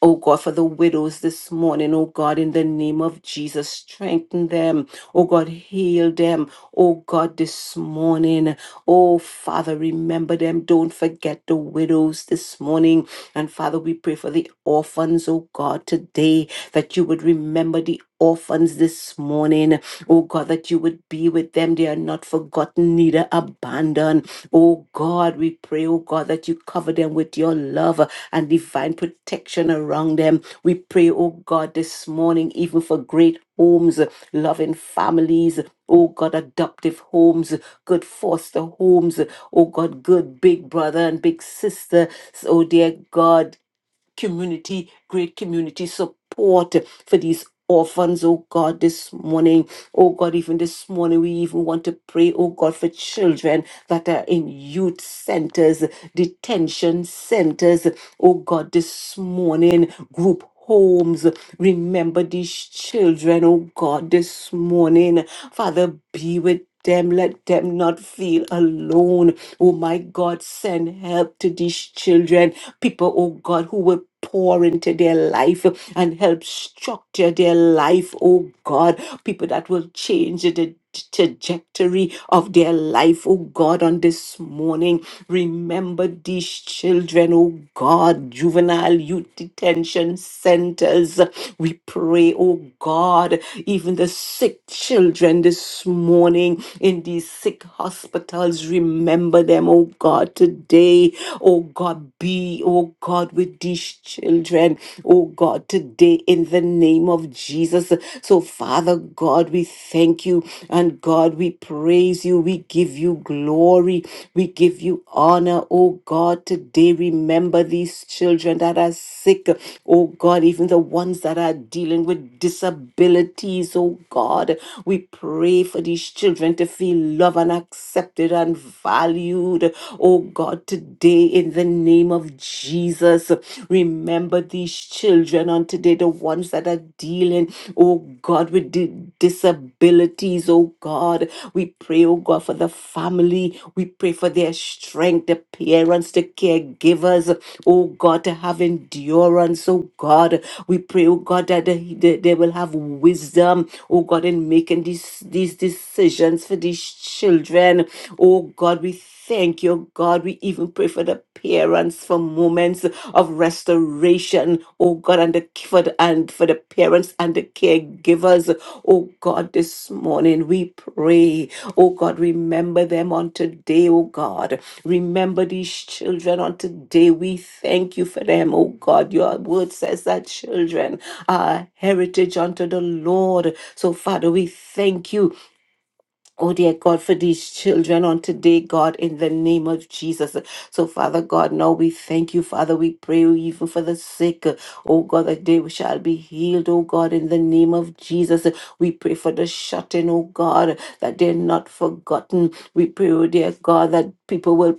Speaker 2: Oh God, for the widows this morning, oh God, in the name of Jesus, strengthen them. Oh God, heal them. Oh God, this morning. Oh Father, remember them. Don't forget the widows this morning. And Father, we pray for the orphans, oh God, today, that you would remember the orphans this morning. Oh God, that you would be with them. They are not forgotten, neither abandoned. Oh God, we pray, oh God, that you cover them with your love and divine protection around them. We pray, oh God, this morning, even for great homes, loving families, oh God, adoptive homes, good foster homes, oh God, good big brother and big sister, oh dear God, community, great community support for these orphans, oh God, this morning. Oh God, even this morning, we even want to pray, oh God, for children that are in youth centers, detention centers, oh God, this morning, group homes. Remember these children, oh God, this morning. Father, be with them, let them not feel alone. Oh my God, send help to these children people, oh God, who will pour into their life, and help structure their life, oh God. People that will change the trajectory of their life, oh God, on this morning. Remember these children, oh God, juvenile youth detention centers. We pray, oh God, even the sick children this morning in these sick hospitals, remember them, oh God, today. Oh God, be, oh God, God, with these children, oh God, today in the name of Jesus. So, Father God, we thank you and God, we praise you. We give you glory. We give you honor, oh God. Today, remember these children that are sick, oh God, even the ones that are dealing with disabilities, oh God. We pray for these children to feel loved and accepted and valued, oh God. Lord, today in the name of Jesus. Remember these children on today, the ones that are dealing, oh God, with di- disabilities, oh God. We pray, oh God, for the family. We pray for their strength, the parents, the caregivers, oh God, to have endurance, oh God. We pray, oh God, that they, they they will have wisdom, oh God, in making these, these decisions for these children. Oh God, we Thank you, God. We even pray for the parents for moments of restoration, oh God, and the for the, and for the parents and the caregivers, oh God. This morning we pray, oh God, remember them on today, oh God. Remember these children on today. We thank you for them, oh God. Your word says that children are heritage unto the Lord. So Father, we thank you Oh, dear God, for these children on today, God, in the name of Jesus. So, Father God, now we thank you, Father. We pray even for the sick. Oh, God, that they shall be healed, oh, God, in the name of Jesus. We pray for the shut in, oh, God, that they're not forgotten. We pray, oh, dear God, that people will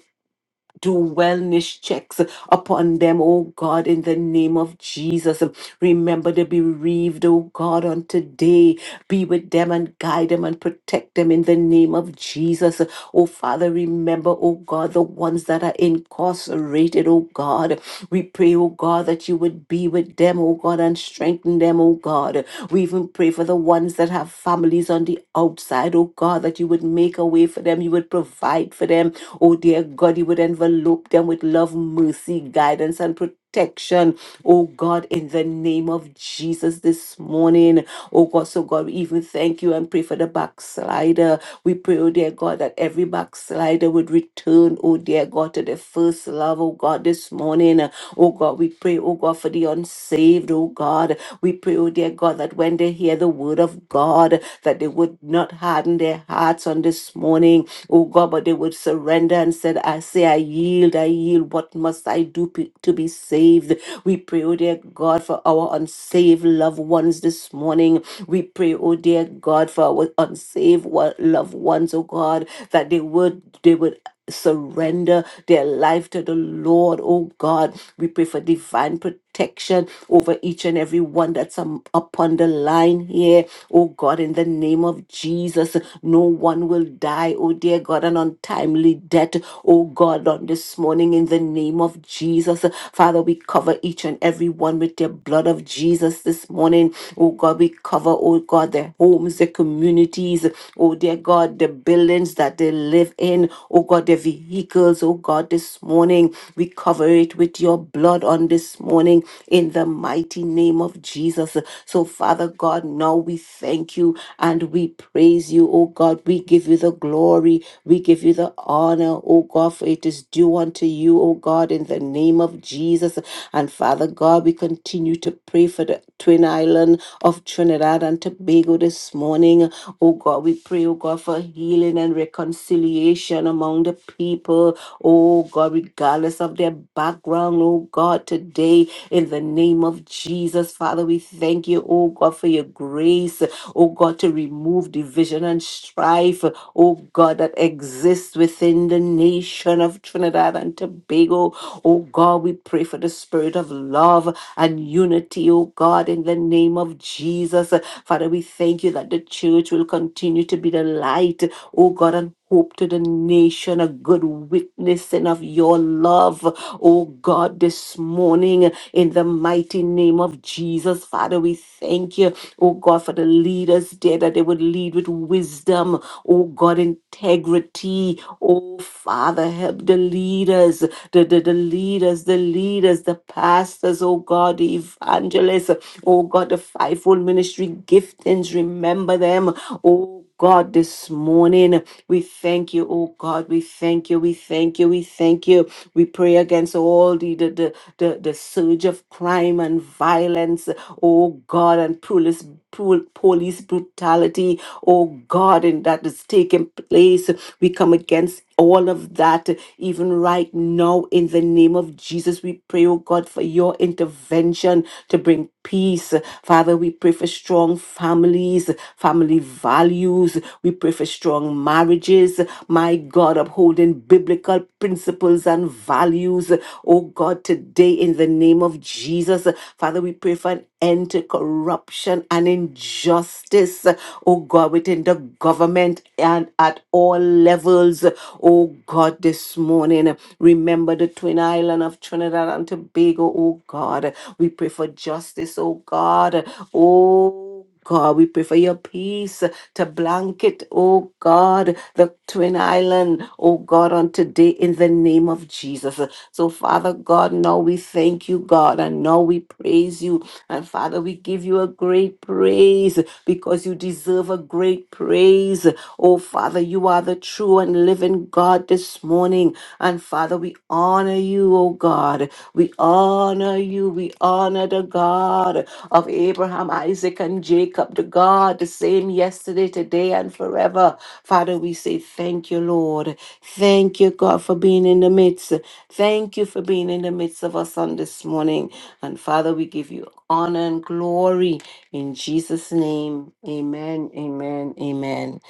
Speaker 2: do wellness checks upon them, oh God, in the name of Jesus. Remember the bereaved, oh God, on today. Be with them and guide them and protect them in the name of Jesus. Oh Father, remember, oh God, the ones that are incarcerated, oh God. We pray, oh God, that you would be with them, oh God, and strengthen them, oh God. We even pray for the ones that have families on the outside, oh God, that you would make a way for them, you would provide for them, oh dear God, you would envelope them with love, mercy, guidance, and protection, Protection, oh God, in the name of Jesus this morning. Oh God, so God, we even thank you and pray for the backslider. We pray, oh dear God, that every backslider would return, oh dear God, to their first love, oh God, this morning. Oh God, we pray, oh God, for the unsaved, oh God. We pray, oh dear God, that when they hear the word of God, that they would not harden their hearts on this morning, oh God, but they would surrender and said, I say, I yield, I yield. What must I do pe- to be saved? We pray, oh dear God, for our unsaved loved ones this morning. We pray, oh dear God, for our unsaved wo- loved ones, oh God, that they would they would surrender their life to the Lord, oh God. We pray for divine protection over each and every one that's um, upon the line here, oh God, in the name of Jesus. No one will die, oh dear God, an untimely death, oh God, on this morning, in the name of Jesus. Father, we cover each and every one with the blood of Jesus this morning, oh God. We cover, oh God, their homes, their communities, oh dear God, the buildings that they live in, oh God, their vehicles, oh God, this morning we cover it with your blood on this morning in the mighty name of Jesus. So, Father God, now we thank you and we praise you, oh God. We give you the glory, we give you the honor, oh God, for it is due unto you, oh God, in the name of Jesus. And Father God, we continue to pray for the Twin Island of Trinidad and Tobago this morning. Oh God, we pray, oh God, for healing and reconciliation among the people. Oh God, regardless of their background, oh God, today in the name of Jesus, Father, we thank you, oh God, for your grace, oh God, to remove division and strife, oh God, that exists within the nation of Trinidad and Tobago. Oh God, we pray for the spirit of love and unity, oh God, in the name of Jesus. Father, we thank you that the church will continue to be the light, oh God, and hope to the nation, a good witnessing of your love, oh God, this morning in the mighty name of Jesus. Father, we thank you Oh God, for the leaders, dear, that they would lead with wisdom. Oh God, integrity. Oh Father, help the leaders, the, the, the leaders, the leaders, the pastors, oh God, the evangelists. Oh God, the fivefold ministry giftings. Remember them. Oh God, this morning. We thank you, oh God. We thank you. We thank you. We thank you. We pray against all the the, the, the, the surge of crime and violence, oh God, and police pol- police brutality, oh God, and that is taking place. We come against all of that, even right now, in the name of Jesus, we pray, oh God, for your intervention to bring peace. Father, we pray for strong families, family values. We pray for strong marriages. My God, upholding biblical principles and values. Oh God, today, in the name of Jesus, Father, we pray for an end to corruption and injustice, oh God, within the government and at all levels. Oh God, this morning, remember the twin island of Trinidad and Tobago, oh God. We pray for justice, oh God. Oh God, we pray for your peace to blanket, oh God, the Twin Island, oh God, on today in the name of Jesus. So, Father God, now we thank you, God, and now we praise you. And Father, we give you a great praise because you deserve a great praise. Oh Father, you are the true and living God this morning. And Father, we honor you, O God. We honor you. We honor the God of Abraham, Isaac, and Jacob, the God, the same yesterday, today, and forever. Father, we say thank you, Lord. Thank you, God, for being in the midst. Thank you for being in the midst of us on this morning. And Father, we give you honor and glory in Jesus' name. Amen, amen, amen.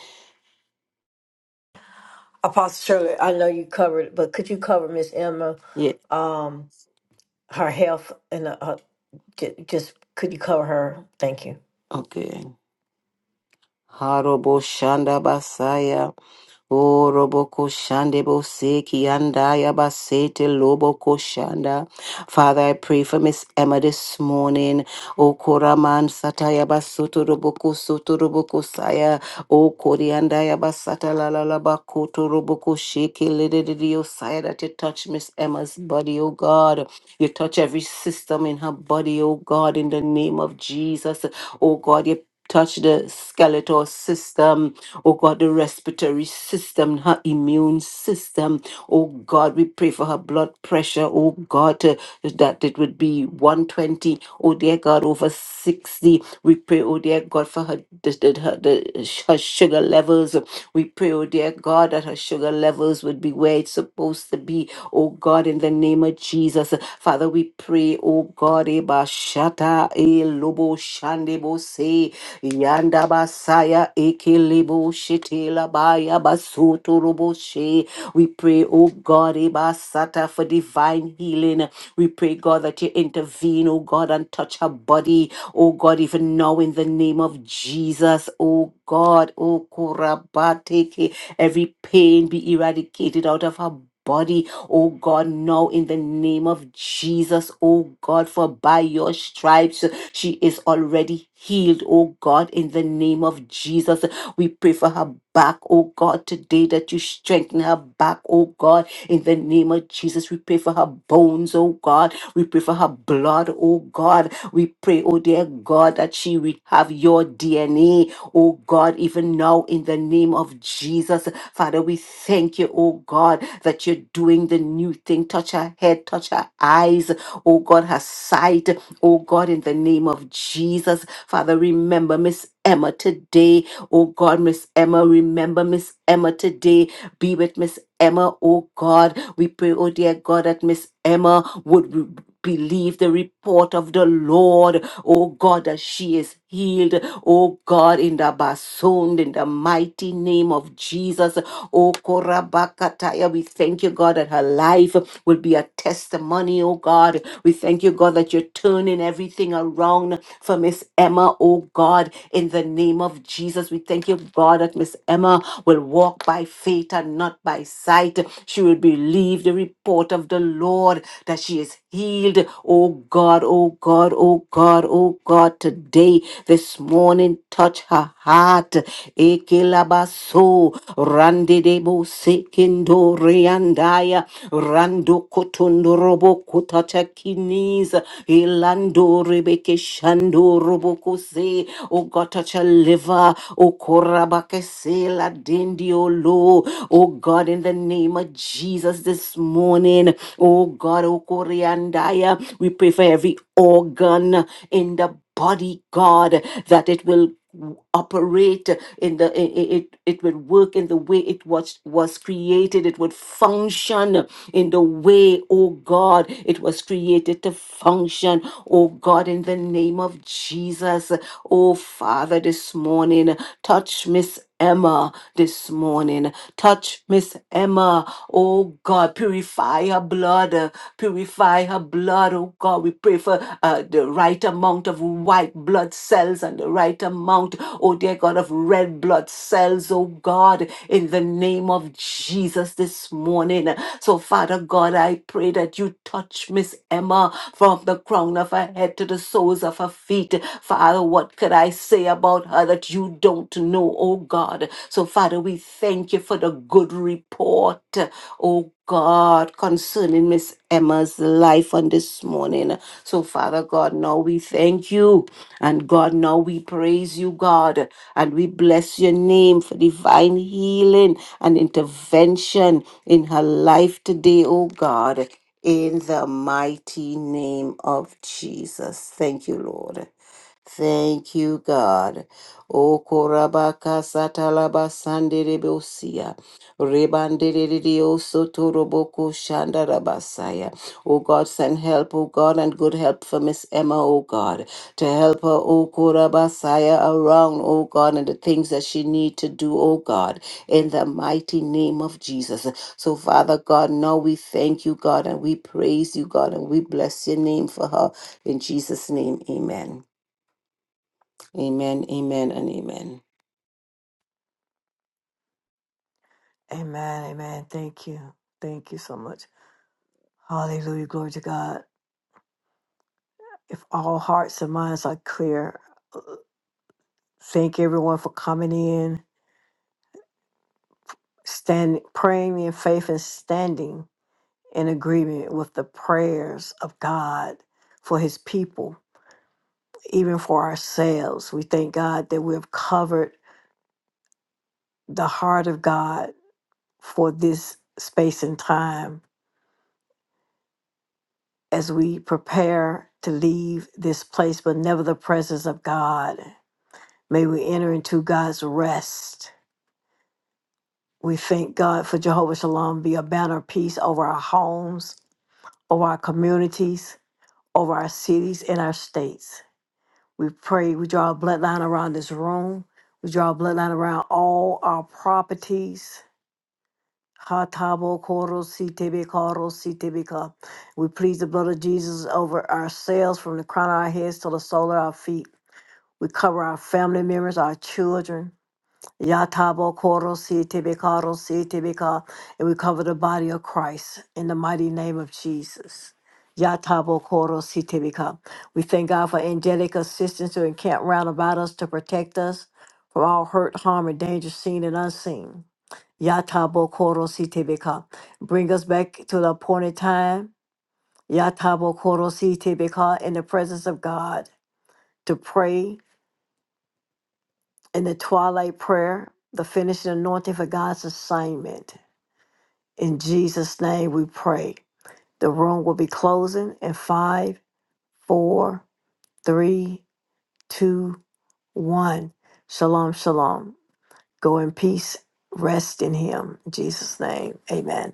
Speaker 1: Apostle Shirley, I know you covered, it, but could you cover Miss Emma, um, her health and uh, uh, j- just could you cover her? Thank you.
Speaker 2: Okay. Harobo Shanda Basaya. O robo koshande bo se kianda yaba sete lobo Father, I pray for Miss Emma this morning. O koraman sataya basoto robo kosoto robo kosaya. O korianda yaba sata la la la bakoto robo kosheke ledidio saya that you touch Miss Emma's body, O God. You touch every system in her body, O God, in the name of Jesus. O God, you touch the skeletal system Oh God, the respiratory system, her immune system. Oh God, we pray for her blood pressure. Oh God, uh, that it would be 120. Oh dear God, over 60. We pray, oh dear God, for her, the, the, her, the, her sugar levels. We pray, oh dear God, that her sugar levels would be where it's supposed to be. Oh God, in the name of Jesus. Father, we pray, oh God, Eba Shata, E Lobo Shandebo Yanda basaya ikilibu shitila baya basutu rubushi. We pray, oh God, ibasata for divine healing. We pray, God, that you intervene, oh God, and touch her body. Oh God, even now in the name of Jesus, oh God, oh Kurabateke, every pain be eradicated out of her body. Oh God, now in the name of Jesus, oh God, for by your stripes she is already healed, oh God, in the name of Jesus. We pray for her back, oh God, today that you strengthen her back, oh God, in the name of Jesus. We pray for her bones, oh God. We pray for her blood, oh God. We pray, oh dear God, that she will have your DNA, oh God, even now in the name of Jesus. Father, we thank you, oh God, that you're doing the new thing. Touch her head, touch her eyes, oh God, her sight. Oh God, in the name of Jesus, Father, remember Miss Emma today. Oh God, Miss Emma, remember Miss Emma today. Be with Miss Emma, oh God. We pray, oh dear God, that Miss Emma would re- believe the report of the Lord, oh God, that she is healed, oh God, in the basund, in the mighty name of Jesus. Oh, Korabakataya, we thank you, God, that her life will be a testimony, oh God. We thank you, God, that you're turning everything around for Miss Emma, oh God, in the name of Jesus. We thank you, God, that Miss Emma will walk by faith and not by sight. She will believe the report of the Lord that she is healed, oh God, oh God, oh God, oh God, today this morning. Touch her heart. Ekelabaso randedebo sekendo riandaya rando kotondorobo kutacha knees. Elando rebeke shando roboko se. O God, touch her liver. O korabake se la dendiolo. lo. O God, in the name of Jesus this morning. O God, O koriandaya. We pray for every organ in the body god that it will operate in the i- i- it it will work in the way it was was created it would function in the way oh god it was created to function oh god in the name of jesus oh father this morning touch miss Emma this morning. Touch Miss Emma. Oh God, purify her blood. uh, Purify her blood. Oh God, we pray for uh, the right amount of white blood cells and the right amount, oh dear God, of red blood cells. Oh God, in the name of Jesus this morning. So, Father God, I pray that you touch Miss Emma from the crown of her head to the soles of her feet. Father, what could I say about her that you don't know, oh God? So, Father, we thank you for the good report, oh God, concerning Miss Emma's life on this morning. So, Father God, now we thank you. And God, now we praise you, God. And we bless your name for divine healing and intervention in her life today, oh God in the mighty name of Jesus. Thank you, Lord. Thank you, God. O korabaka satalaba sanderebosia. Rebandererio sotoroboko shandarabasaya. O God, send help, O God, and good help for Miss Emma, O God, to help her, O korabasaya, around, O God, and the things that she need to do, O God, in the mighty name of Jesus. So, Father God, now we thank you, God, and we praise you, God, and we bless your name for her. In Jesus' name, amen. Amen, amen, and amen.
Speaker 1: Amen. Amen. Thank you. Thank you so much. Hallelujah. Glory to God. If all hearts and minds are clear, thank everyone for coming in. standing praying in faith and standing in agreement with the prayers of God for his people, even for ourselves. We thank God that we have covered the heart of God for this space and time as we prepare to leave this place, but never the presence of God. May we enter into God's rest. We thank God for Jehovah Shalom be a banner of peace over our homes, over our communities, over our cities and our states. We pray, we draw a bloodline around this room. We draw a bloodline around all our properties. Hatabo koro sitebe koro sitebe ka. We please the blood of Jesus over ourselves from the crown of our heads to the sole of our feet. We cover our family members, our children. Yatabo korosi tebeka rosi tebeka. And we cover the body of Christ in the mighty name of Jesus. Yatabo korosi tebeka. We thank God for angelic assistance to encamp round about us to protect us from all hurt, harm, and danger seen and unseen. Yatabo korosi tebeka. Bring us back to the appointed time. Yatabo korosi tebeka in the presence of God to pray and the twilight prayer, the finishing anointing for God's assignment. In Jesus' name we pray. The room will be closing in five, four, three, two, one. Shalom, shalom. Go in peace. Rest in Him. In Jesus' name. Amen.